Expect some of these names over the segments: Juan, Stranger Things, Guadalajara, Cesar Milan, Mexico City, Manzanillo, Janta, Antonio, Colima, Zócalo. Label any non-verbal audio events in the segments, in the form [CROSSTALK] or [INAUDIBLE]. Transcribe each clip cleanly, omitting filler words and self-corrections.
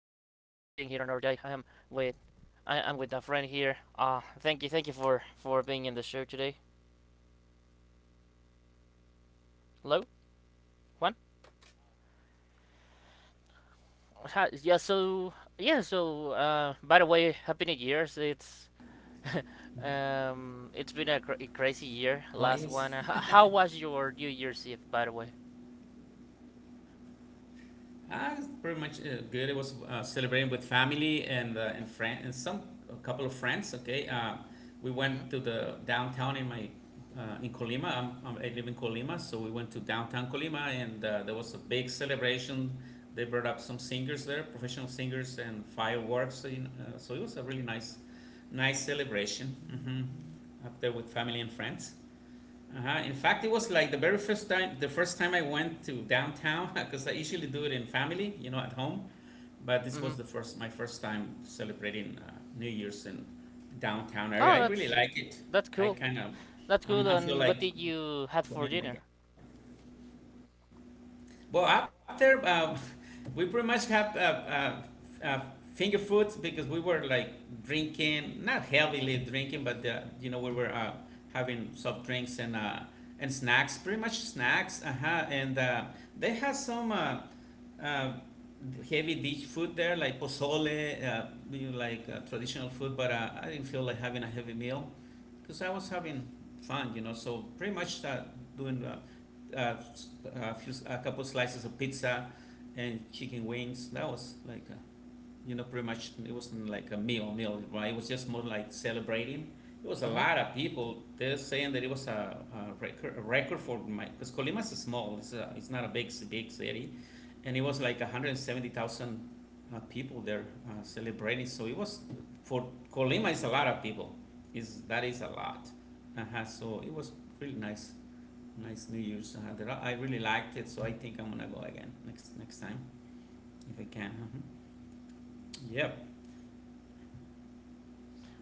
day. With I am with a friend here. Thank you for being in the show today. Hello, Juan. Hi, yeah. By the way, happy New Year's. It's [LAUGHS] it's been a crazy year. Oh yes, Last one. How was your New Year's Eve, by the way? [LAUGHS] I was pretty much good. It was celebrating with family and and friend and some a couple of friends. Okay, we Mhm. went to the downtown in my in Colima. I live in Colima, so we went to downtown Colima, and there was a big celebration. They brought up some singers there, professional singers, and fireworks. So, you know, so it was a really nice celebration hmm up there with family and friends. Uh-huh. In fact, it was like the very first time, the first time I went to downtown, [LAUGHS] because I usually do it in family, you know, at home. But this was Mhm. the first, my first time celebrating New Year's in downtown area. Oh, I really like it. that's I cool. kind of, That's cool. I feel And like what did going you had again. for dinner? Well, after [LAUGHS] we pretty much have f- uh, finger foods because we were like drinking, not heavily drinking, but you know we were having soft drinks and snacks, pretty much snacks. Uh huh. And they had some uh, heavy dish food there, like pozole, you know, like traditional food. But I didn't feel like having a heavy meal because I was having fun, you know. So pretty much start doing a few, a couple slices of pizza and chicken wings. That was like, you know, pretty much it wasn't like a meal, meal, right? It was just more like celebrating. It was a Mhm. lot of people. They're saying that it was a record for my because Colima is small. It's it's not a big, big city, and it was like 170,000 people there celebrating. So it was, for Colima, is a lot of people. Is that, is a lot. Uh-huh. So it was really nice New Year's. That I really liked it. So I think I'm gonna go again next time if I can. Uh-huh. Yep.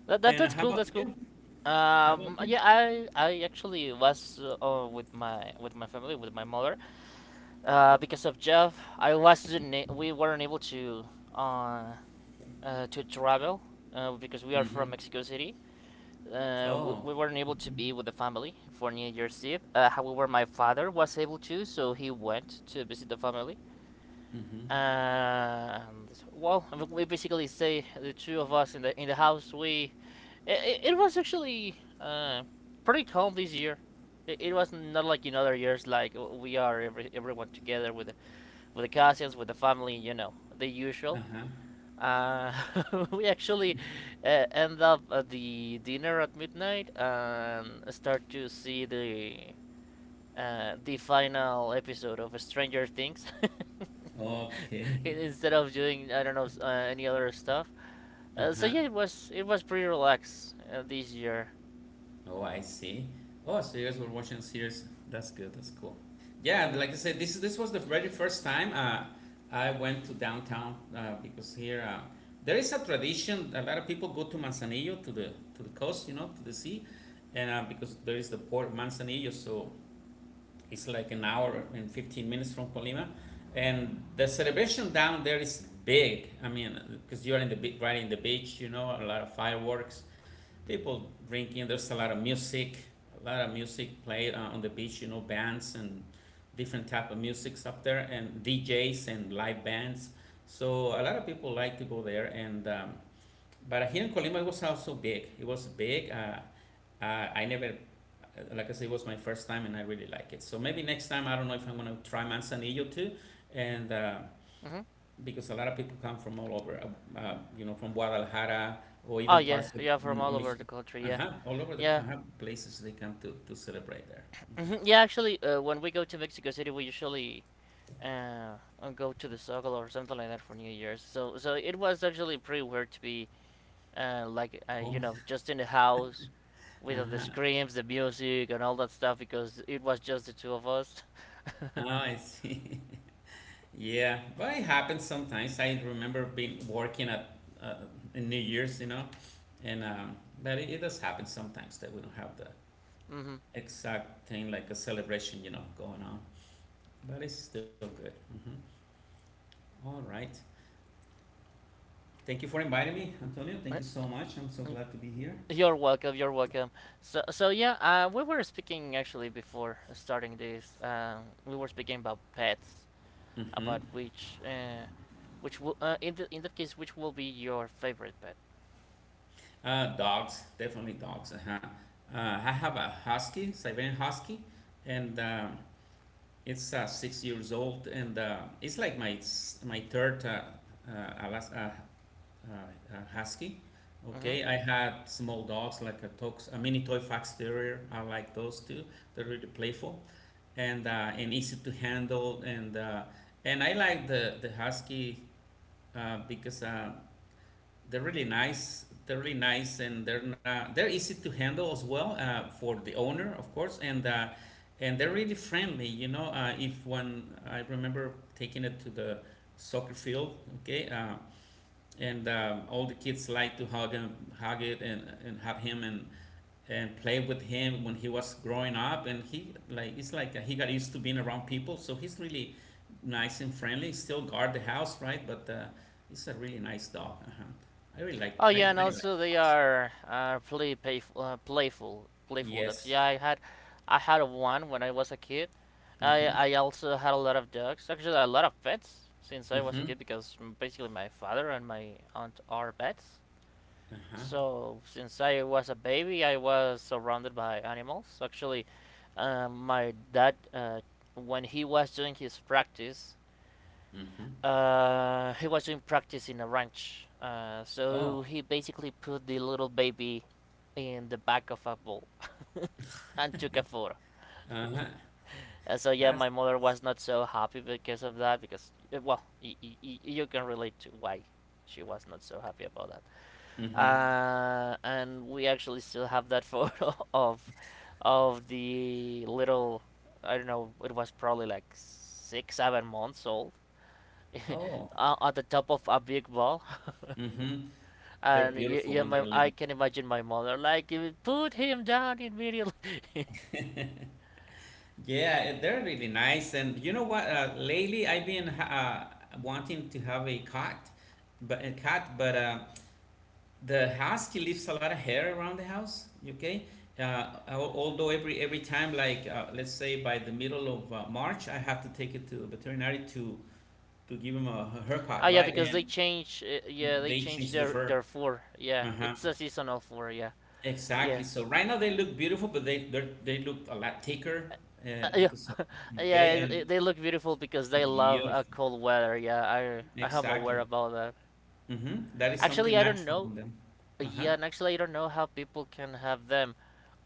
And That's how cool. about That's cool. you? How about you? Yeah, I actually was with my family with my mother. Because of Jeff, I wasn't a- we weren't able uh, to travel because we are Mm-hmm. from Mexico City. Oh. We weren't able Mm-hmm. to be with the family for New Year's Eve. However, my father was able to, so he went to visit the family. Mm-hmm. And well, we basically say the two of us in the house. We It was actually pretty calm this year. It was not like in other years, like we are everyone together with the cousins, with the family, you know, the usual. Uh-huh. Uh, [LAUGHS] we actually end up at the dinner at midnight and start to see the final episode of Stranger Things [LAUGHS] Okay. [LAUGHS] instead of doing I don't know any other stuff. So Uh-huh. yeah, it was pretty relaxed this year. Oh, I see. Oh, so you guys were watching series. That's good. That's cool. Yeah, Mm-hmm. like I said, this was the very first time I went to downtown because here there is a tradition. A lot of people go to Manzanillo to the coast, you know, to the sea, and because there is the port of Manzanillo, so it's like an hour and 15 minutes from Colima, and the celebration down there is big. I mean, because you're in the right in the beach, you know, a lot of fireworks, people drinking. There's a lot of music, a lot of music played on the beach. You know, bands and different type of musics up there, and DJs and live bands. So a lot of people like to go there. And But here in Colima, it was also big. It was big. I never, like I said, it was my first time, and I really like it. So maybe next time, I don't know if I'm gonna try Manzanillo too, and. Mm-hmm. Because a lot of people come from all over, you know, from Guadalajara or Oh even yeah, parts of yeah, from all over Mich- the country. Yeah, uh-huh, all over the yeah, uh-huh, places they come to celebrate there. [LAUGHS] yeah. Actually, when we go to Mexico City, we usually go to the Zócalo or something like that for New Year's. So, so it was actually pretty weird to be like Home. you know [LAUGHS] just in the house with all the screams, the music, and all that stuff because it was just the two of us. Oh, I see. [LAUGHS] Yeah, but it happens sometimes. I remember being working at in New Year's, you know, and but it does happen sometimes that we don't have the [LAUGHS] hmm exact thing like a celebration, you know, going on. But it's still good. Mhm. All right. Thank you for inviting me, Antonio. Thank you so much. I'm so glad to be here. You're welcome. You're welcome. So, so yeah, we were speaking actually before starting this. We were speaking about pets. Mm-hmm. About which in that case which will be your favorite pet. Dogs, definitely dogs. Uh-huh. I have a husky, Siberian husky, and it's 6 years old, and it's like my third uh, Alas- uh, husky. Hmm. Okay, I had small dogs like a, tox, a mini toy fox terrier. I like those too. They're really playful and easy to handle, and I like the husky because they're really nice. They're really nice, and they're not. They're easy to handle as well for the owner, of course, and they're really friendly. You know, if one I remember taking it to the soccer field, okay, and all the kids like to hug him, hug it, and hug him, and played with him when he was growing up, and he like it's like he got used to being around people, so he's really nice and friendly, still guard the house, right? But he's a really nice dog, uh-huh. I really like, Oh I yeah, really and like also they dogs. are playful, playful dogs. Yes. Yeah, I had one when I was a kid. I Mm-hmm. I also had a lot of dogs. Actually, a lot of pets since I was a Mm-hmm. kid because basically my father and my aunt are pets. Uh-huh. So since I was a baby, I was surrounded by animals. Actually, my dad when he was doing his practice Mm-hmm. He was doing practice in a ranch. Oh. So he basically put the little baby in the back of a bull [LAUGHS] and took a photo. Uh-huh. And so yeah, That's- my mother was not so happy because of that. Because well, you can relate to why she was not so happy about that. mm-hmm. And we actually still have that photo [LAUGHS] of the little. I don't know. It was probably like six, 7 months old Oh. [LAUGHS] on the top of a big ball, Mm-hmm. [LAUGHS] They're and beautiful when they're I little. can imagine my mother like put him down immediately. [LAUGHS] Yeah, eh, they're really nice. And you know what? Lately, I've been wanting to have a cat, but the husky leaves a lot of hair around the house. Okay. Although every time, like let's say by the middle of March, I have to take it to a veterinary to give him a Ah, haircut, yeah, right? because they And change. Yeah, they they change change the fur. their fur. Yeah, Uh huh. it's a seasonal fur. Yeah, yeah. Exactly. So right now they look beautiful, but they look a lot thicker uh, Uh, yeah, because of, okay yeah. And They look beautiful because they love beautiful. cold weather. Yeah, I am aware Exactly. about that. Mhm. That is something Actually, I don't natural know. in them. Uh-huh. Yeah, and actually, I don't know how people can have them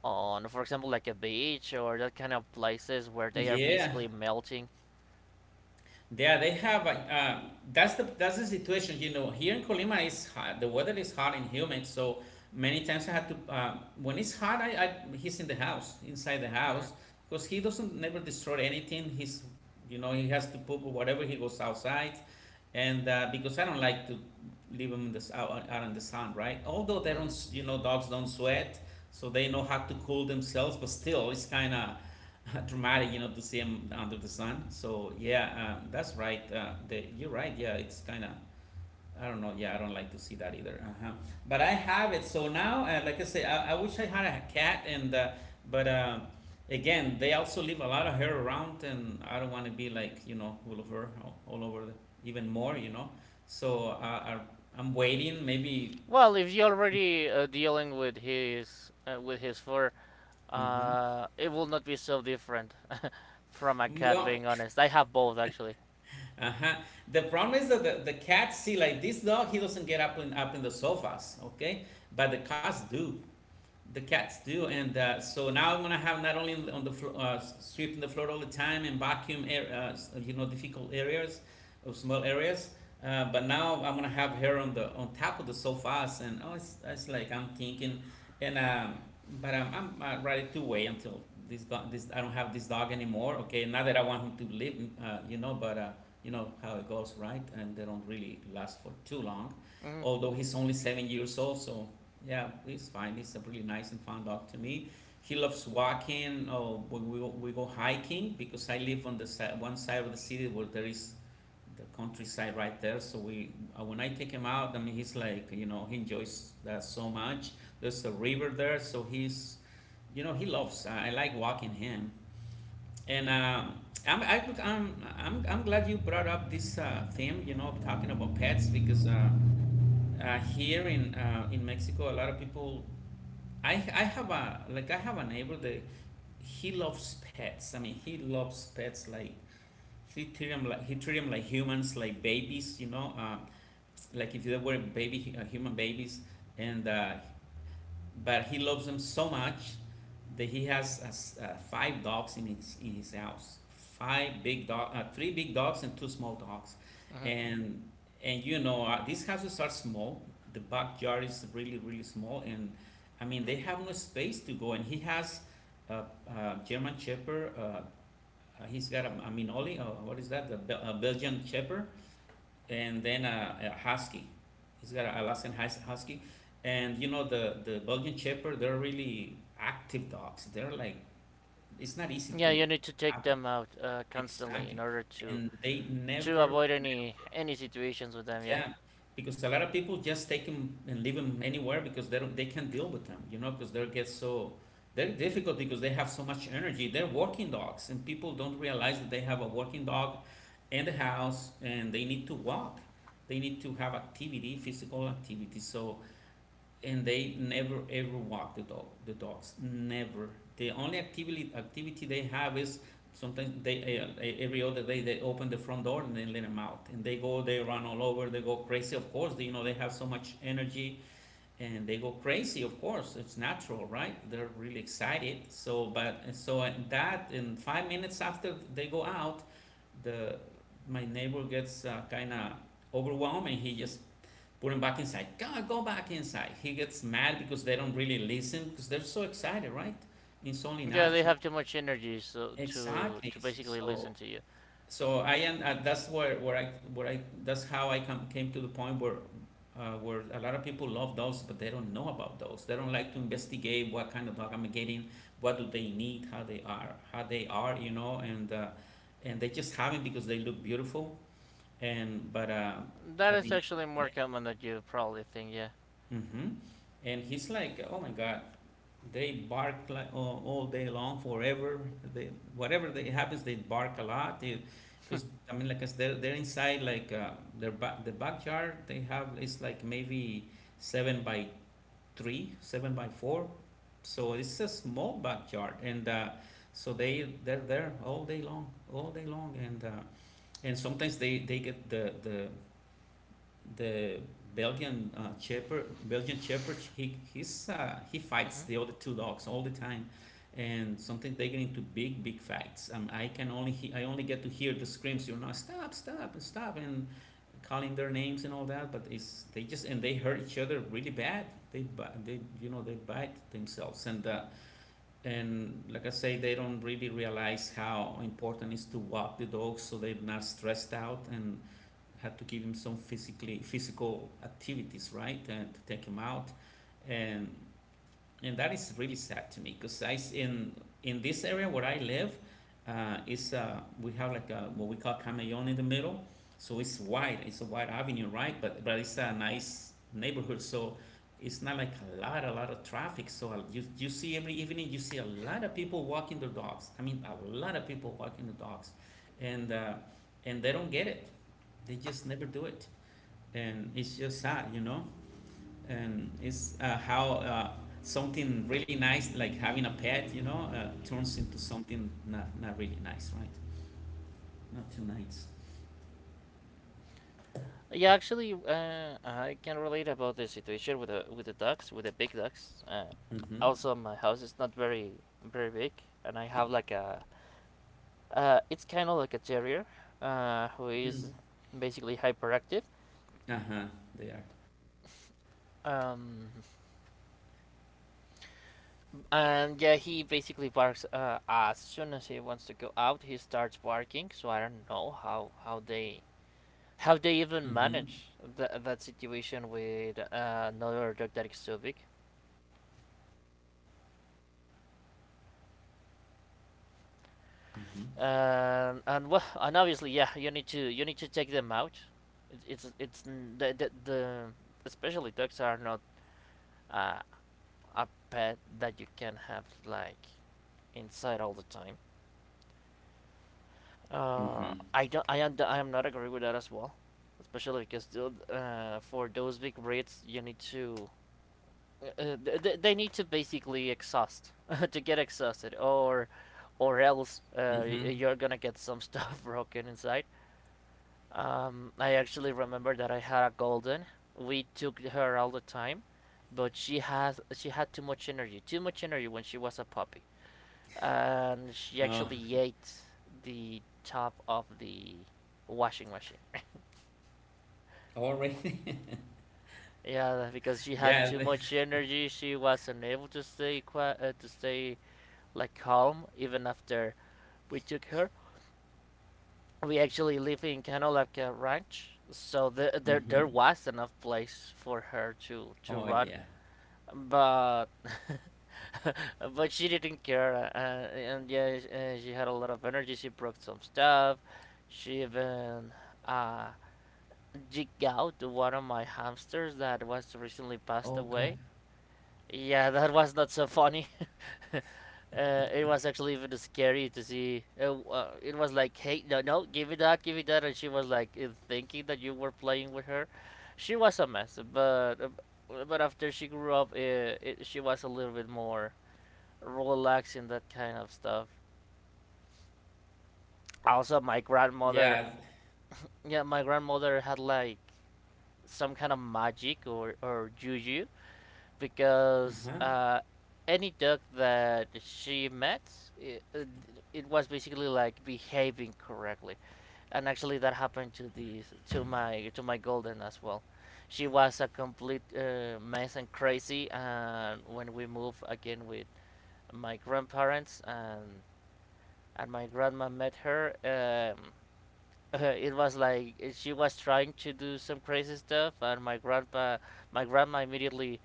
on, for example, like a beach or that kind of places where they are Yeah. basically melting. Yeah, they have. That's the that's the situation. You know, here in Colima is hot. The weather is hot and humid. So many times I have to. When it's hot, I he's in the house, inside the house, Hmm. because he doesn't never destroy anything. He's, you know, he has to poop or whatever. He goes outside, and because I don't like to leave him in this out in the sun, right? Although they don't, Hmm. You know, dogs don't sweat, so they know how to cool themselves. But still, it's kind of [LAUGHS] dramatic, you know, to see him under the sun. So yeah, that's right. You're right. Yeah, it's kind of. I don't know. Yeah, I don't like to see that either. Uh-huh. But I have it. So now, like I say, I wish I had a cat. And but Again, they also leave a lot of hair around, and I don't want to be like, you know, all over, all over, the, even more. You know. So I'm waiting. Maybe. Well, if you're already dealing with his fur, Mm-hmm. It will not be so different [LAUGHS] from a cat. Well, Being honest, I have both actually. uh-huh. The problem is that the cats see, like this dog, he doesn't get up in up in the sofas, okay? But the cats do. The cats do, and so now I'm gonna have not only on on the sweeping the floor all the time and vacuum, air, you know, difficult areas, or small areas, but now I'm gonna have her on the on top of the sofas, and oh, it's like I'm thinking, and but I'm ready to wait until this dog, this I don't have this dog anymore. Okay, not that I want him to live, you know, but you know how it goes, right? And they don't really last for too long, Hmm. although he's only 7 years old, so yeah, he's fine. He's a really nice and fun dog to me. He loves walking. Oh, we go hiking because I live on the side, one side of the city where there is the countryside right there. So we when I take him out, I mean he's like, you know, he enjoys that so much. There's a river there, so he's, you know, he loves. I like walking him, and I'm, I, could- I'm glad you brought up this theme. You know, talking about pets because. Here in Mexico, a lot of people I have a like I have a neighbor that he loves pets. I mean, he loves pets like he treat them like he treat 'em like humans, like babies. You know, like if they were baby human babies, and but he loves them so much that he has 5 dogs in his house. 5 big dog, 3 big dogs and 2 small dogs, Hmm. and and you know these houses are small. The backyard is really really small, and I mean they have no space to go. And he has a, a German Shepherd. He's got a Minoli. What is that? A Belgian Shepherd and then a husky. He's got a Alaskan husky, and you know the Belgian Shepherd. They're really active dogs. They're like it's not easy Yeah, you to need to take have them. them out constantly in Exactly, order and they to never avoid any situations with them. Yeah, yeah, because a lot of people just take them and leave them anywhere because they can't deal with them, you know, because they get so they're difficult because they have so much energy. They're working dogs, and people don't realize that they have a working dog in the house and they need to walk. They need to have activity, physical activity. So and they never ever walk the dog the dogs never— the only activity they have is sometimes they every other day they open the front door and they let them out, and they go, they run all over, they go crazy, of course. They, they have so much energy and they go crazy, of course. It's natural, right? They're really excited. So, but so that in 5 minutes after they go out, the my neighbor gets kind of overwhelmed, and he just put him back inside. Go, go back inside. He gets mad because they don't really listen because they're so excited, right? It's only yeah, they natural. have too much energy so Exactly. to basically So, listen to you. so I am. That's where I— that's how I come came to the point where. Where a lot of people love dogs, but they don't know about dogs. They don't like to investigate what kind of dog I'm getting, what do they need, how they are, you know, and they just have it because they look beautiful. And but That At the is actually end. more common than you probably think. Yeah. Mm-hmm. And he's like, oh my God, they bark like all day long forever. They— whatever they happens, they bark a lot. Because I mean, like I they're inside like their the backyard they have is like maybe seven by three, seven by four. So it's a small backyard, and so they— they're there all day long, and sometimes they get the the Belgian shepherd, Belgian shepherd, he's he fights the Hmm. other two dogs all the time, and sometimes they get into big fights. I can only I only get to hear the screams, you know, stop, stop, stop, and calling their names and all that. But it's— they just— and they hurt each other really bad. They they, you know, they bite themselves, and like I say, they don't really realize how important it is to walk the dogs so they're not stressed out, and had to give him some physical activities, right, and to take him out. And and that is really sad to me because I in— in this area where I live, is we have like a, what we call Camellón in the middle, so it's wide. It's a wide avenue, right? But it's a nice neighborhood, so it's not like a lot— a lot of traffic. So you see every evening you see a lot of people walking their dogs. I mean a lot of people walking the dogs, and uh, and they don't get it. They just never do it, and it's just sad, you know. And it's how something really nice like having a pet, you know, turns into something not, not really nice, right? Not too nice. Yeah, actually, I can relate about the situation with the ducks, with the big ducks. Mm-hmm. Also, my house is not very very big, and I have like a it's kind of like a terrier, who is Mm. basically hyperactive. Uh-huh. They are. Um, and yeah, he basically barks as soon as he wants to go out. He starts barking, so I don't know Mm-hmm. how they even manage that situation with another dog that is so big. Mm-hmm. And well, and obviously, yeah, you need to take them out. It's the especially dogs are not uh, a pet that you can have like inside all the time. Mm-hmm. I am not agree with that as well, especially because for those big breeds you need to uh, they need to basically exhaust [LAUGHS] to get exhausted or else Mm-hmm. You're gonna get some stuff [LAUGHS] broken inside. I actually remember that I had a golden. We took her all the time, but she had too much energy when she was a puppy, uh, and she actually ate the top of the washing machine. [LAUGHS] Already. [LAUGHS] Yeah, because Yeah, she had too much energy, she wasn't able to stay quiet, to stay like calm even after we took her. We actually live in kind like ranch, so there mm-hmm. there there was enough place for her Oh to yeah. run but [LAUGHS] but she didn't care and yeah she had a lot of energy, she broke some stuff, she even uh, jigged out one of my hamsters that was recently Oh passed god. away. Yeah, that was not so funny. [LAUGHS] uh, it was actually even scary to see. It was like, hey, no, no, give me that, and she was like thinking that you were playing with her. She was a mess, but after she grew up, she was a little bit more relaxing that kind of stuff. Also, my Yeah. grandmother, yeah, my grandmother had like some kind of magic or juju because Uh-huh. Any dog that she met, it, it, was basically like behaving correctly, and actually that happened to these to my golden as well. She was a complete mess and crazy, and when we moved again with my grandparents and my grandma met her. Um, [LAUGHS] it was like she was trying to do some crazy stuff, and my grandpa, my grandma immediately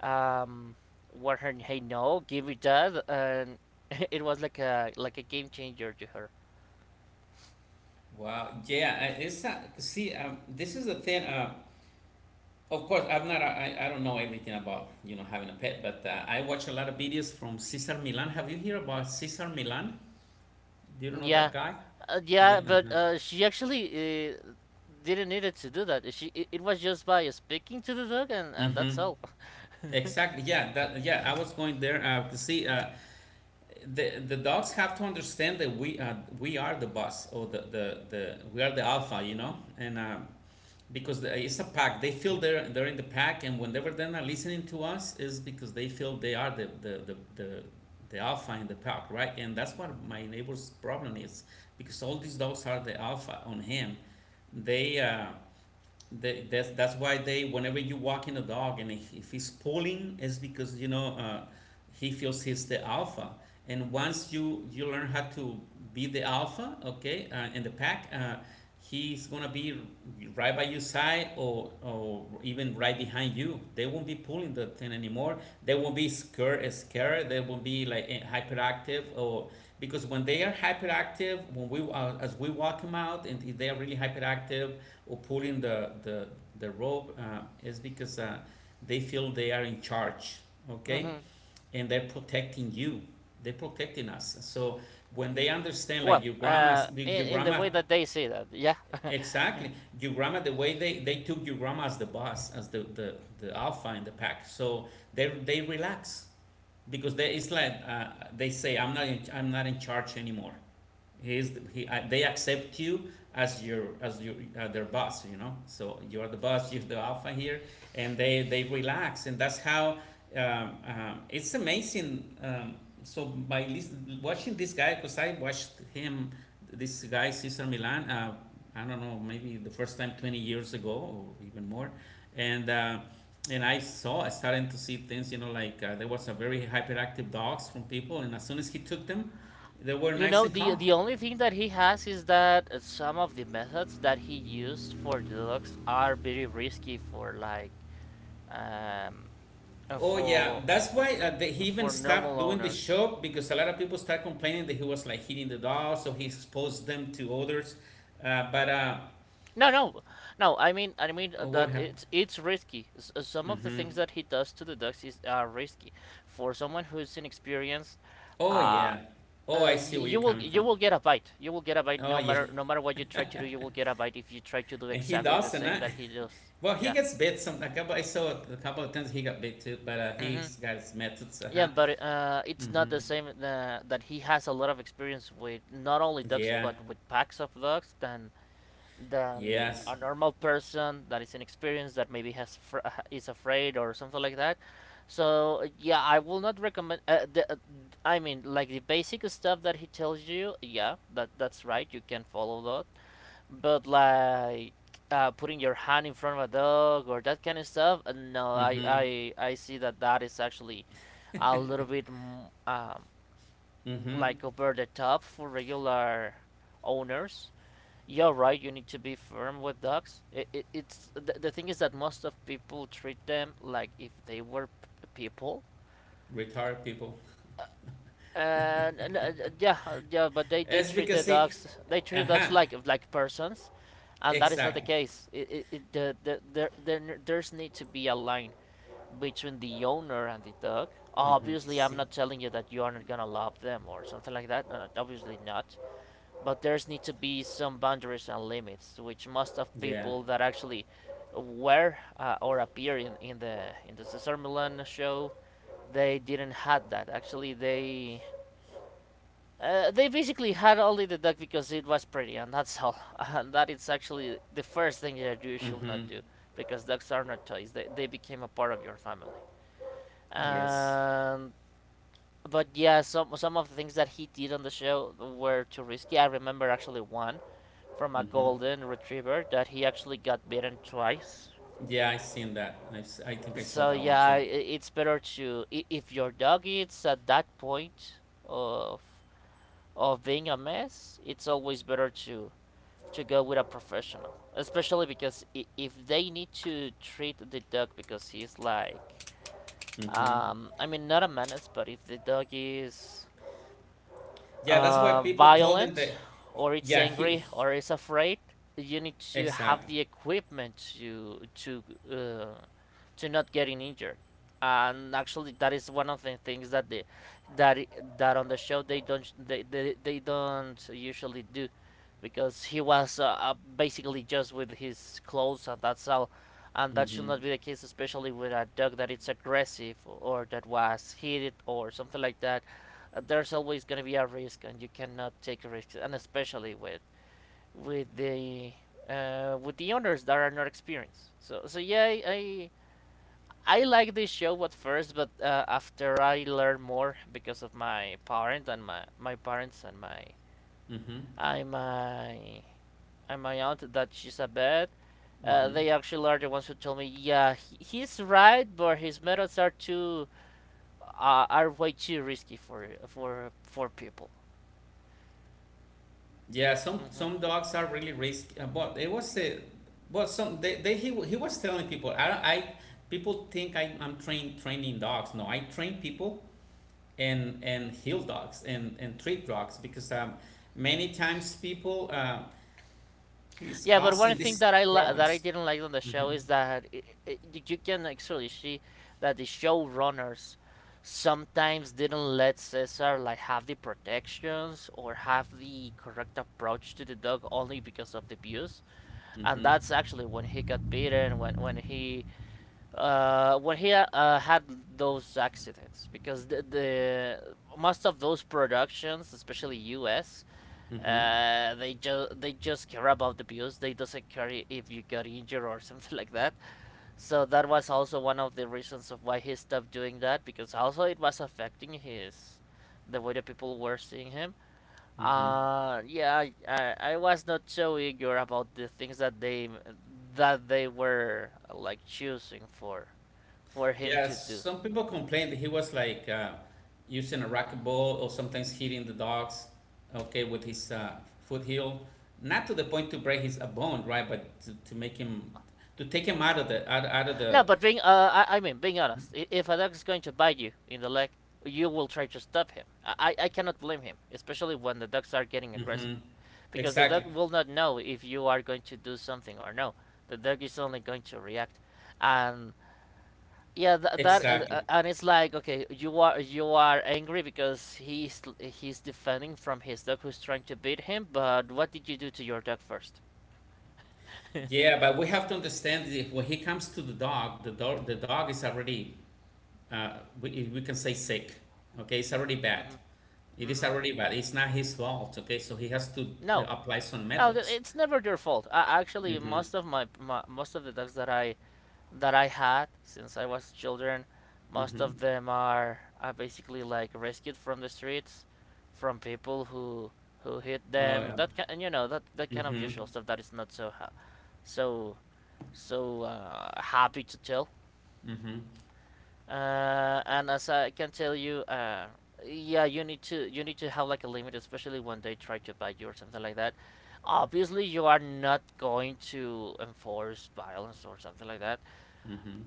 um, what her, "Hey, no, give it that," and [LAUGHS] it was like a game changer to her. Wow, yeah. It's see This is the thing. Of course, I'm not. I don't know everything about, you know, having a pet, but I watch a lot of videos from Cesar Milan. Have you heard about Cesar Milan? Do you know Yeah, that guy? Yeah, Yeah. but Uh-huh. She actually didn't need it to do that. She it was just by speaking to the dog, and Mm-hmm. that's all. [LAUGHS] Exactly. Yeah. That. Yeah. I was going there to see. The dogs have to understand that we are the boss, or the we are the alpha. You know, and because it's a pack. They feel they're in the pack, and whenever they're not listening to us, is because they feel they are the alpha in the pack, right? And that's what my neighbor's problem is, because all these dogs are the alpha on him. They uh, that's why they whenever you walk in a dog, and if he's pulling, it's because, you know, he feels he's the alpha. And once you learn how to be the alpha, okay, in the pack, he's gonna be right by your side, or even right behind you. They won't be pulling the thing anymore. They won't be scared, they won't be like hyperactive or— because when they are hyperactive, when we as we walk them out, and if they are really hyperactive or pulling the rope, is because they feel they are in charge, okay, Hmm. and they're protecting you, they're protecting us. So when they understand, like Well, your grandma, in the way that they say that, yeah. [LAUGHS] exactly, your grandma, the way they took your grandma as the boss, as the alpha in the pack. So they— they relax, because they it's like they say, I'm not in, I'm not in charge anymore. He is, he they accept you as your— as your their boss, you know. So you are the boss. [LAUGHS] You're the alpha here, and they relax. And that's how— it's amazing. So by lis- Watching this guy, because I watched him, this guy Cesar Milan, I don't know, maybe the first time 20 years ago, or even more. and uh, and I saw, I started to see things, you know. Like there was a very hyperactive dogs from people, and as soon as he took them, they were You nice know, and calm. the only thing that he has is that some of the methods that he used for the dogs are very risky for like um, uh, Oh yeah, for that's why he even for stopped normal doing the owners. show because a lot of people start complaining that he was like hitting the doll, so he exposed them to others. But No, no, no. I mean, Oh, what that happened? It's risky. Some of the Mm-hmm. things that he does to the ducks is are risky. For someone who's inexperienced, Oh uh, yeah. Oh, I uh, see where you're coming you from. will get a bite. You will get a bite Oh no yeah, matter no matter what you try to do. You will get a bite if you try to do [LAUGHS] and he exactly the doesn't. same that he does. [LAUGHS] Well, he Yeah. gets bit some. A couple I saw it a couple of times he got bit too, but Hmm. he's got his methods. Uh Yeah, huh. but it's not Mm-hmm. the same that he has a lot of experience with not only ducks Yeah. but with packs of ducks then. Than Yes. a normal person that is inexperienced that maybe has is afraid or something like that. So yeah, I will not recommend. I mean, like the basic stuff that he tells you. Yeah, that that's right. You can follow that. But like putting your hand in front of a dog or that kind of stuff. No, Mm-hmm. I see that that is actually a little bit mm, um, Mm-hmm. like over the top for regular owners. Yeah, right. You need to be firm with dogs. It's the thing is that most of people treat them like if they were people. Retired people. Yeah, but they It's treat the because he. dogs they treat the Uh dogs huh. Like persons, and that is not the Exactly. case. It there there there's need to be a line between the owner and the dog. Mm-hmm. Obviously, I'm See. not telling you that you are not gonna love them or something like that. Obviously not. But there's need to be some boundaries and limits, which most of Yeah. people that actually were or appear in the Cesar Milan show, they didn't had that. Actually, they basically had only the duck because it was pretty, and that's [LAUGHS] all. And that is actually the first thing that you should Mm-hmm. not do because ducks are not toys. They became a part of your family. Yes. And but yeah, some of the things that he did on the show were too risky. I remember actually one from a golden retriever that he actually got bitten twice. Yeah, I seen that. I think I saw So that one yeah, too. it's better to if your dog is at that point of of being a mess, it's always better to go with a professional, especially because if they need to treat the dog because he's like I mean not a menace, but if the dog is Yeah, that's why people told him violent that. or it's Yeah, he— angry or it's afraid, you need to have exactly. the equipment uh, to not getting injured. And actually, that is one of the things that that on the show they don't they don't usually do, because he was basically just with his clothes and that's all, and that should Mm-hmm. not be the case, especially with a dog that it's aggressive or that was heated or something like that. There's always going to be a risk, and you cannot take risks, and especially with the with the owners that are not experienced. So so yeah, I liked this show at first, but after I learned more because of my parent and my parents and my Mm-hmm. I my and my aunt that she's a bad. Mm-hmm. They actually are the ones who told me, yeah, he, he's right, but his methods are too are way too risky for people. Yeah, hmm some dogs are really risky. But it was a, but some they— he was telling people, I don't— I— people think I'm training dogs. No, I train people, and heal dogs and treat dogs because many times people is Yeah, but one causing thing these that I problems. didn't like on the show Mm-hmm. is that I you you can actually see that the showrunners sometimes didn't let Cesar like have the protections or have the correct approach to the dog only because of the abuse, and Mm-hmm. that's actually when he got beaten when he had those accidents because the most of those productions, especially U.S Mm-hmm. They just care about the views. They doesn't care if you got injured or [LAUGHS] something like that. So that was also one of the reasons of why he stopped doing that because also it was affecting his the way the people were seeing him. Mm-hmm. Yeah, I was not so eager about the things that they were like choosing for him Yeah, to do. some people complained that he was like using a racquetball, or sometimes hitting the dogs, okay, with his foot heel. Not to the point to break his a bone, right? But to make him to take him out of the out, out of No, the. but being I mean, being honest, if a dog is going to bite you in the leg, you will try to stop him. I cannot blame him, especially when the dogs are getting aggressive, Mm-hmm. because the Exactly. dog will not know if you are going to do something or no. The dog is only going to react, and yeah, th- that Exactly. and it's like okay, you are angry because he's defending from his dog who's trying to beat him, but what did you do to your dog first? [LAUGHS] Yeah, but we have to understand that when he comes to the dog, the dog is already uh, we— we can say sick. Okay, it's already hmm bad. It is hmm already bad. It's not his fault, okay? So he has to No, apply some no, methods. it's never their fault. Actually, Mm-hmm. Most of the dogs that I had since I was children, most Mm-hmm. of them are basically like rescued from the streets, from people who hit Oh, them. yeah. That kind, you know that kind of Mm-hmm. usual stuff that is not so ha so so happy to tell. Mm-hmm. And as I can tell you, yeah, you need to have like a limit, especially when they try to bite you or something like that. Obviously, you are not going to enforce violence or something like that, Mm-hmm.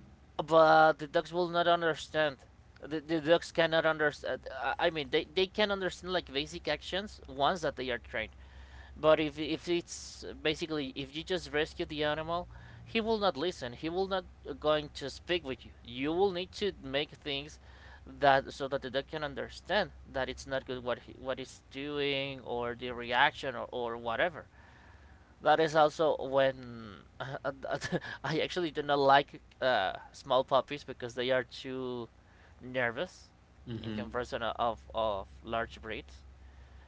but the dogs will not understand. The dogs cannot understand. I mean, they can understand like basic actions once that they are trained. But if it's basically if you just rescue the animal, he will not listen. He will not going to speak with you. You will need to make things that so that the dog can understand that it's not good what he, what it's doing or the reaction or whatever. That is also when [LAUGHS] I actually do not like small puppies because they are too nervous in Mm-hmm. comparison of large breeds.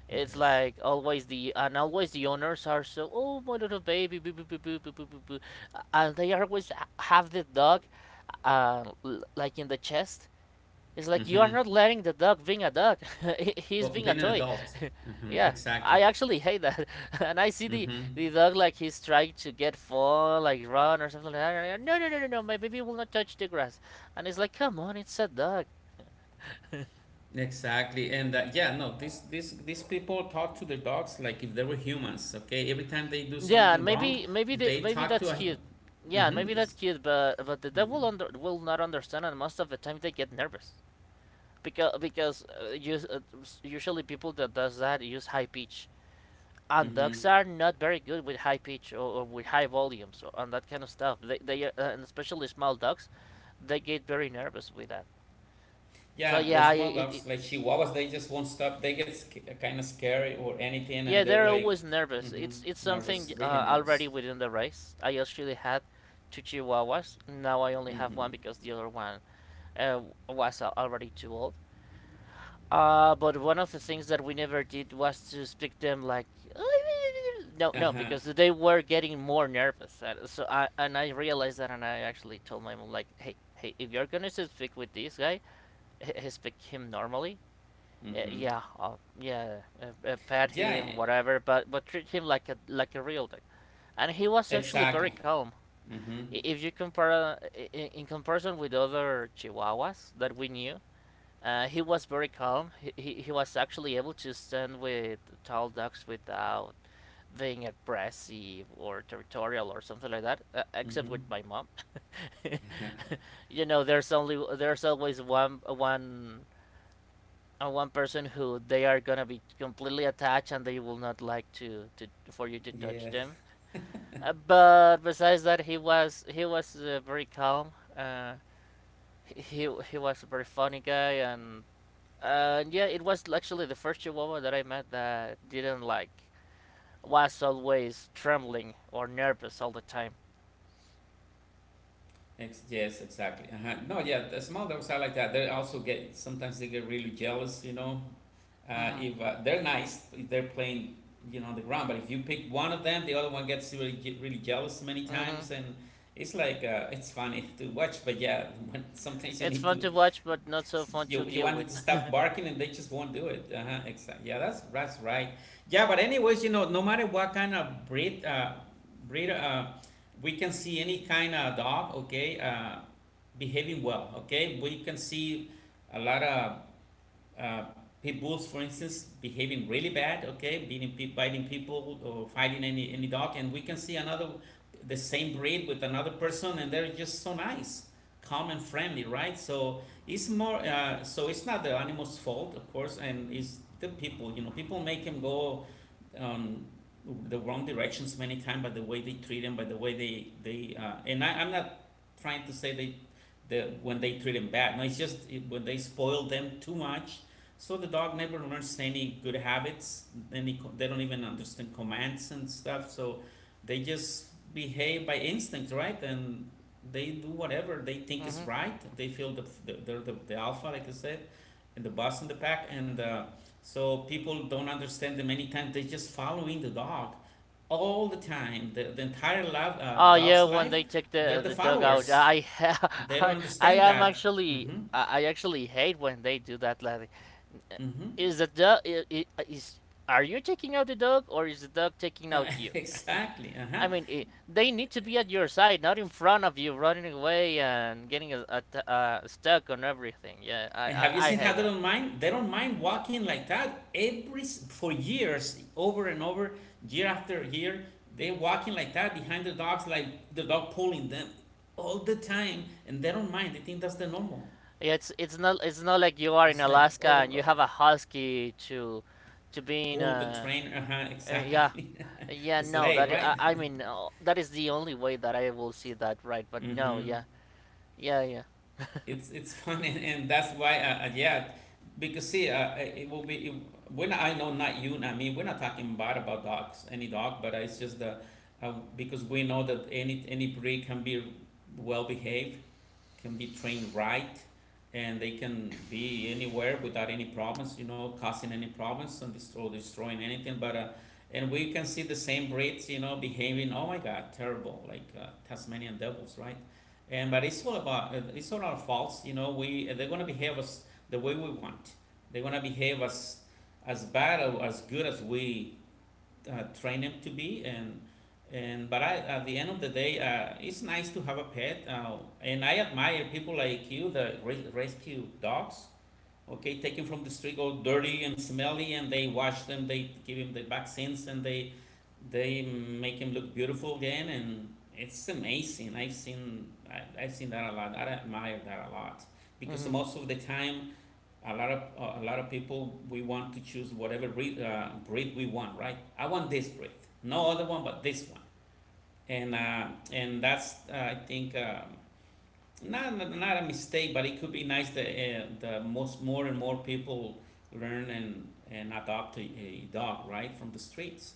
It's Yes. like always the owners are so oh my little baby boo boo boo boo boo boo boo and they always have the dog, uh, like in the chest. It's like you are Mm-hmm. not letting the dog being a dog. [LAUGHS] He's Oh, being a being an toy. adult. [LAUGHS] Mm-hmm. Yeah, Exactly. I actually hate that. [LAUGHS] And I see the Mm-hmm. the dog like he's trying to get fall, like run or something like that. No, no, no, no, no. My baby will not touch the grass. And it's like, come on, it's a dog. Exactly. And yeah, no, this these people talk to their dogs like if they were humans, okay? Every time they do Yeah, and something wrong, maybe maybe the, they maybe talk to that's a. cute. Yeah, and Mm-hmm. maybe that's It's, cute, but the mm-hmm. devil under will not understand, and most of the time they get nervous because usually people that does that use high pitch, and Mm-hmm. dogs are not very good with high pitch or with high volumes and that kind of stuff. They and especially small dogs, they get very nervous with that. So Yeah, the small dogs like Chihuahuas, they just won't stop. They get kind of scary or anything, and yeah, they're they're like, always nervous. mm-hmm, It's nervous, something really nervous. already within the race. I actually had two Chihuahuas. Now I only have Mm-hmm. one because the other one uh, was already too old. But one of the things that we never did was to speak them like [LAUGHS] no, no, Uh-huh. because they were getting more nervous. And I realized that, and I actually told my mom like, hey, hey, if you're gonna speak with this guy, speak him normally uh, Mm-hmm. yeah, uh, yeah, pet Yeah, him, whatever, but treat him like a real dog. And he was actually very exactly. calm. Mm-hmm. If you compare in comparison with other Chihuahuas that we knew, he was very calm. He was actually able to stand with tall dogs without being aggressive or territorial or something like that. Except with Mm-hmm. my mom, [LAUGHS] you know, there's always one person who they are gonna be completely attached and they will not like to for you to touch Yeah. them. But besides that, he was very calm. Uh, he was a very funny guy, and yeah, it was actually the first Chihuahua that I met that didn't like was always trembling or nervous all the time. Yes, exactly. Uh-huh. No, yeah, the small dogs are like that. They also get sometimes they get really jealous, you know. Mhm. If They're nice, if they're playing, you know, on the ground. But if you pick one of them, the other one gets really jealous many Mhm. times, and it's like it's funny [LAUGHS] to watch. But yeah, [LAUGHS] when, sometimes you It's need fun to, to watch, but not so [LAUGHS] fun you to you deal want it with. to stop [LAUGHS] barking, and they just won't do it. Uh-huh, exactly. Yeah, that's right. Yeah, but anyways, you know, no matter what kind of breed, we can see any kind of dog. Okay, behaving well. Okay, we can see a lot of uh, pit bulls, for instance, behaving really bad, okay, beating, biting people or fighting any dog, and we can see another, the same breed with another person, and they're just so nice, calm and friendly, right? So it's not the animal's fault, of course, and it's the people. You know, people make them go um, the wrong directions many times by the way they treat them, by the way they they. And I'm not trying to say they, the when they treat them bad. No, it's just when they spoil them too much so the dog never learns any good habits. Any they don't even understand commands and stuff. So they just behave by instinct, right? And they do whatever they think is Mhm. right. They feel they're the alpha, like I said, and the boss in the pack. And so people don't understand them many times. They just following the dog all the time. The entire Oh yeah, dog's when life, they take they're the the dugout, followers. I They [LAUGHS] don't understand that. Mm-hmm. I actually hate when they do that. Like, Mm-hmm. is the dog is are you taking out the dog or is the dog taking out you? [LAUGHS] Exactly. Uh-huh. I mean, I they need to be at your side, not in front of you, running away and getting stuck on everything. Yeah, And have you I seen hate how they that. don't mind? They don't mind walking like that every for years, over and over, year after year. They walking like that behind their dogs, like the dog pulling them all the time, and they don't mind. They think that's the normal. Yeah, it's not like you are in It's like, Alaska oh and you God. have a husky to being Pull the train, uh huh, yeah. exactly, [LAUGHS] Yeah, the no, sleigh, that right? I mean that is the only way that I will see that right. But no, yeah, Mm-hmm. yeah, yeah. It's [LAUGHS] fun, and that's why yeah, because see it will when I know, not you, not me, we're not talking bad about dogs, any dog, but it's just the because we know that any breed can be well behaved, can be trained, right, and they can be anywhere without any problems, you know, causing any problems and destroying anything. But and we can see the same breeds, you know, behaving. Oh my God, terrible! Like Tasmanian devils, right? And but it's all about it's all our faults, you know. We they're gonna behave us the way we want. They're gonna behave as bad or as good as we train them to be, and but I, at the end of the day, it's nice to have a pet, and I admire people like you that rescue dogs, okay, take them from the street all dirty and smelly, and they wash them, they give them the vaccines, and they make them look beautiful again, and it's amazing. I've seen that a lot, I admire that a lot, [LAUGHS] because hmm most of the time a lot of people, we want to choose whatever breed we want, right, I want this breed, no other one but this one. And that's I think not not a mistake, but it could be nice that the most more and more people learn and adopt a dog right from the streets.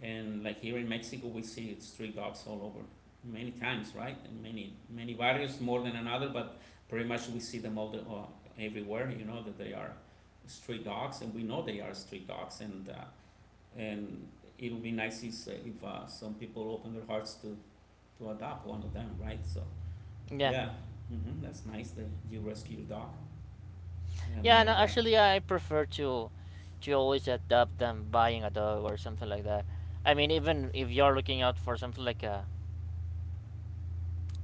And like here in Mexico, we see street dogs all over many times, right? And many many barrios, more than another, but pretty much we see them all everywhere. You know that they are street dogs, and we know they are street dogs. And it'll be nice if some people open their hearts to adopt one of them, right? So Yeah, yeah, hmm, that's nice that you rescue your dog. I yeah. No, admire that. actually, I prefer to always adopt than buying a dog or something like that. I mean, even if you're looking out for something like a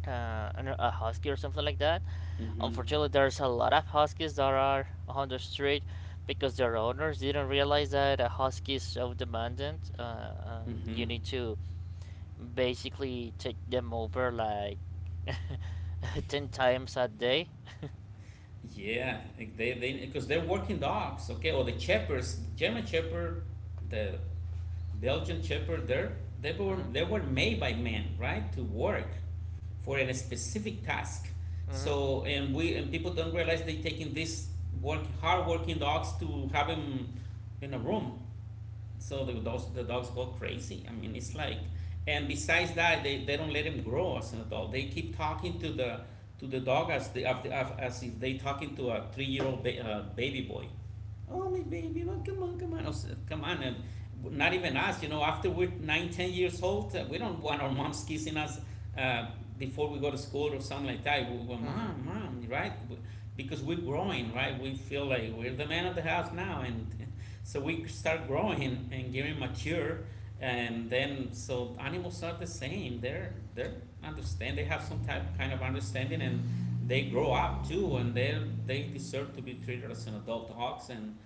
a husky or something like that, Hmm. unfortunately, there's a lot of huskies that are on the street because their owners didn't realize that a husky is so demanding. You Hmm. need to basically take them over like [LAUGHS] 10 times a day. Yeah, like they because they're working dogs, okay, or the shepherds, German shepherd, the Belgian shepherd, hmm they were made by men, right, to work for a specific task. hmm So, and we and people don't realize they're taking this work hard working dogs to have them in a room, so the dogs go crazy. I mean, it's like, and besides that, they don't let him grow as an adult. They keep talking to the dog as the as if they talking to a 3 year old baby boy. Oh, my baby, well, come on, come on. I come on. Not even us, you know, after we're nine, 10 years old, we don't want our moms kissing us uh, before we go to school or something like that. We, go, hmm mom, mom, right? Because we're growing, right? We feel like we're the man of the house now. And [LAUGHS] so we start growing and getting mature. And then, so animals are the same. They're understand, they have some kind of understanding, and they grow up too. And they deserve to be treated as an adult dogs,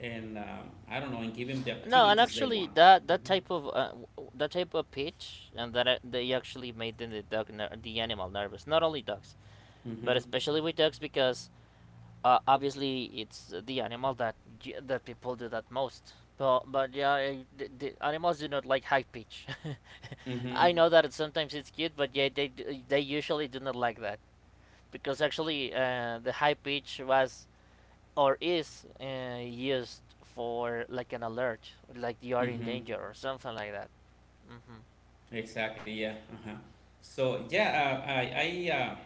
and I don't know, and give them the No, and activities they actually want. that Mm-hmm. That type of pitch and that they actually made the animal nervous. Not only dogs, but Mm-hmm. especially with dogs because obviously it's the animal that people do that most. But yeah, the animals do not like high pitch. [LAUGHS] Mm-hmm. I know that sometimes it's cute, but yeah, they usually do not like that. Because actually the high pitch was or is used for like an alert, like you are in Mm-hmm. danger or something like that. Mm-hmm. Exactly. Yeah. Uh-huh. So yeah, uh, I I uh,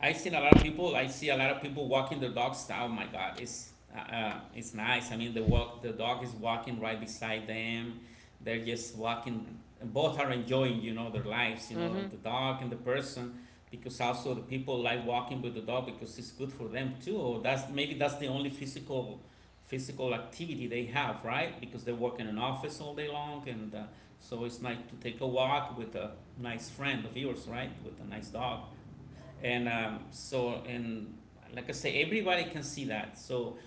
I seen a lot of people. I see a lot of people walking their dogs. Oh my God, it's nice. I mean, the dog is walking right beside them. They're just walking. Both are enjoying, you know, their lives. You Mm-hmm. know, [LAUGHS] the dog and the person, because also the people like walking with the dog because it's good for them too. That's the only physical activity they have, right? Because they work in an office all day long, and so it's nice to take a walk with a nice friend of yours, right? With a nice dog. And like I say, everybody can see that. So,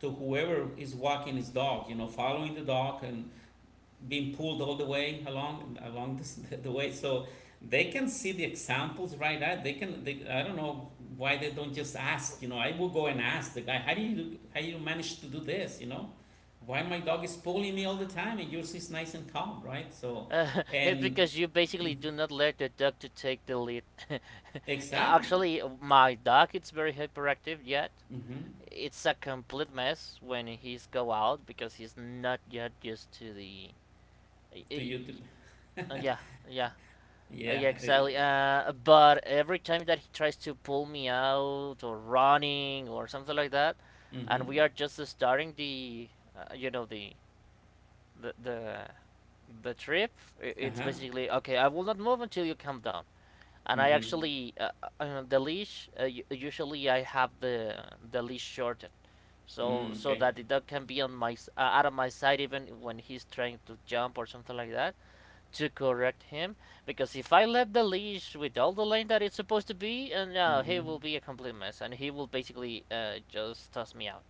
to whoever is walking his dog, you know, following the dog and being pulled all the way along this, [LAUGHS] the way, so they can see the examples right at. They can. They, I don't know why they don't just ask. You know, I will go and ask the guy, how do you manage to do this? You know, why my dog is pulling me all the time and yours is nice and calm, right? So, it's and because you basically mm-hmm, do not let the dog to take the lead. [LAUGHS] exactly. Actually, my dog it's very hyperactive yet. Mm-hmm. It's a complete mess when he's go out because he's not yet used to the. To you, to, Uh, yeah, yeah, uh, yeah, yeah, exactly. But every time that he tries to pull me out or running or something like that, mm-hmm. and we are just starting the, you know, the the, the trip, it's Uh-huh. basically okay. I will not move until you calm down. And I Mm-hmm. actually the leash. Usually, I have the leash shortened so Mm, so okay. that the dog can be on my out of my sight even when he's trying to jump or something like that to correct him because if I let the leash with all the lane that it's supposed to be, and he Mm-hmm. will be a complete mess, and he will basically just toss me out.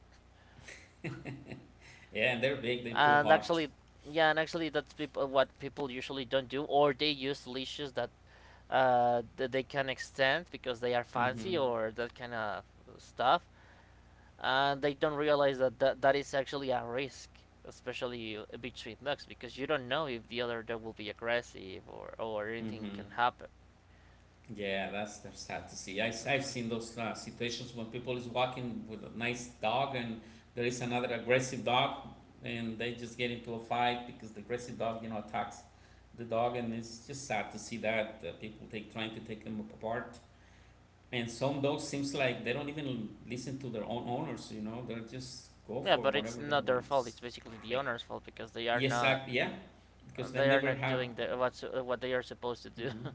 Yeah, and they're big. They pull And hard. actually, yeah, and actually what people usually don't do, or they use leashes that that they can extend because they are fancy Mm-hmm. or that kind of stuff, and they don't realize that is actually a risk. Especially between ducks, because you don't know if the other dog will be aggressive or anything Mm-hmm. can happen. Yeah, that's sad to see. I've Mhm. seen those situations when people is walking with a nice dog and there is another aggressive dog, and they just get into a fight because the aggressive dog, you know, attacks the dog, and it's just sad to see that people take trying to take them apart. And some dogs seems like they don't even listen to their own owners, you know, they'll just go Yeah, for but it's whatever they not their want. fault. It's It's basically the great. owner's fault because Yes, exactly. Yeah, because they they are never not have. doing the what's what they are supposed to do. Hmm. [LAUGHS]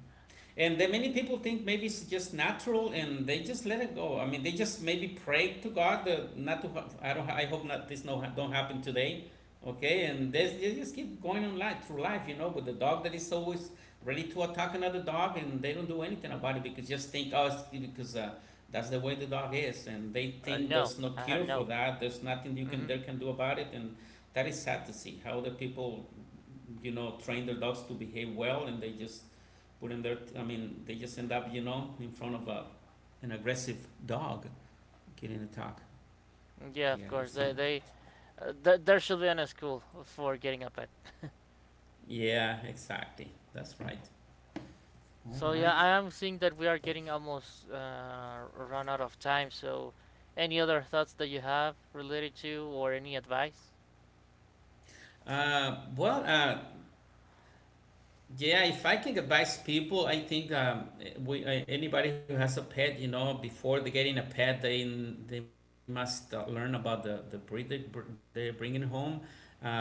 And then many people think maybe it's just natural, and they just let it go. I mean, they just maybe pray to God not to. I don't. I hope not. This no don't happen today. Okay, and they just keep going on life through life, you know. But the dog that is always ready to attack another dog, and they don't do anything about it because just think, oh, it's because that's the way the dog is, and they think there's no cure No. for that. There's nothing you hmm can they can do about it, and that is sad to see how the people, you know, train their dogs to behave well, and they just put them there. I mean, they just end up, you know, in front of an aggressive dog getting attacked. Yeah, Yeah, of course. that's right. They th- there should be an school for getting a pet. Yeah, exactly. That's right. All So yeah, right. I am seeing that we are getting almost run out of time. So, any other thoughts that you have related to or any advice? Uh, well, uh, yeah, if I can advise people, I think anybody who has a pet, you know, before they getting a pet, they must learn about the breed they're bringing home, um,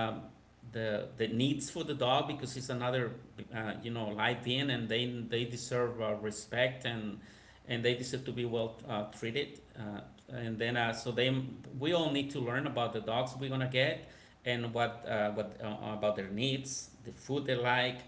the needs for the dog, because it's another you know, light in, and they deserve respect, and they deserve to be well treated. And then so they we all need to learn about the dogs we're gonna get, and what about their needs, the food they like,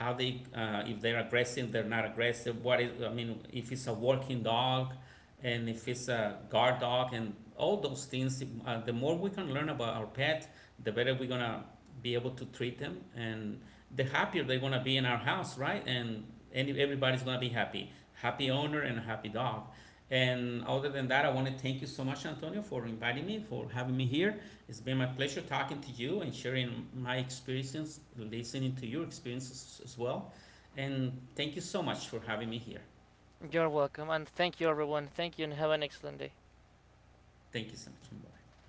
how they, if they're aggressive, they're not aggressive, what is, I mean, if it's a working dog, and if it's a guard dog, and all those things. The more we can learn about our pet, the better we're gonna be able to treat them, and the happier they're gonna be in our house, right? And any, everybody's gonna be happy, happy owner and a happy dog. And other than that, I want to thank you so much, Antonio, for inviting me, for having me here. It's been my pleasure talking to you and sharing my experiences, listening to your experiences as well. And thank you so much for having me here. You're welcome, and thank you, everyone. Thank you, and have an excellent day. Thank you so much.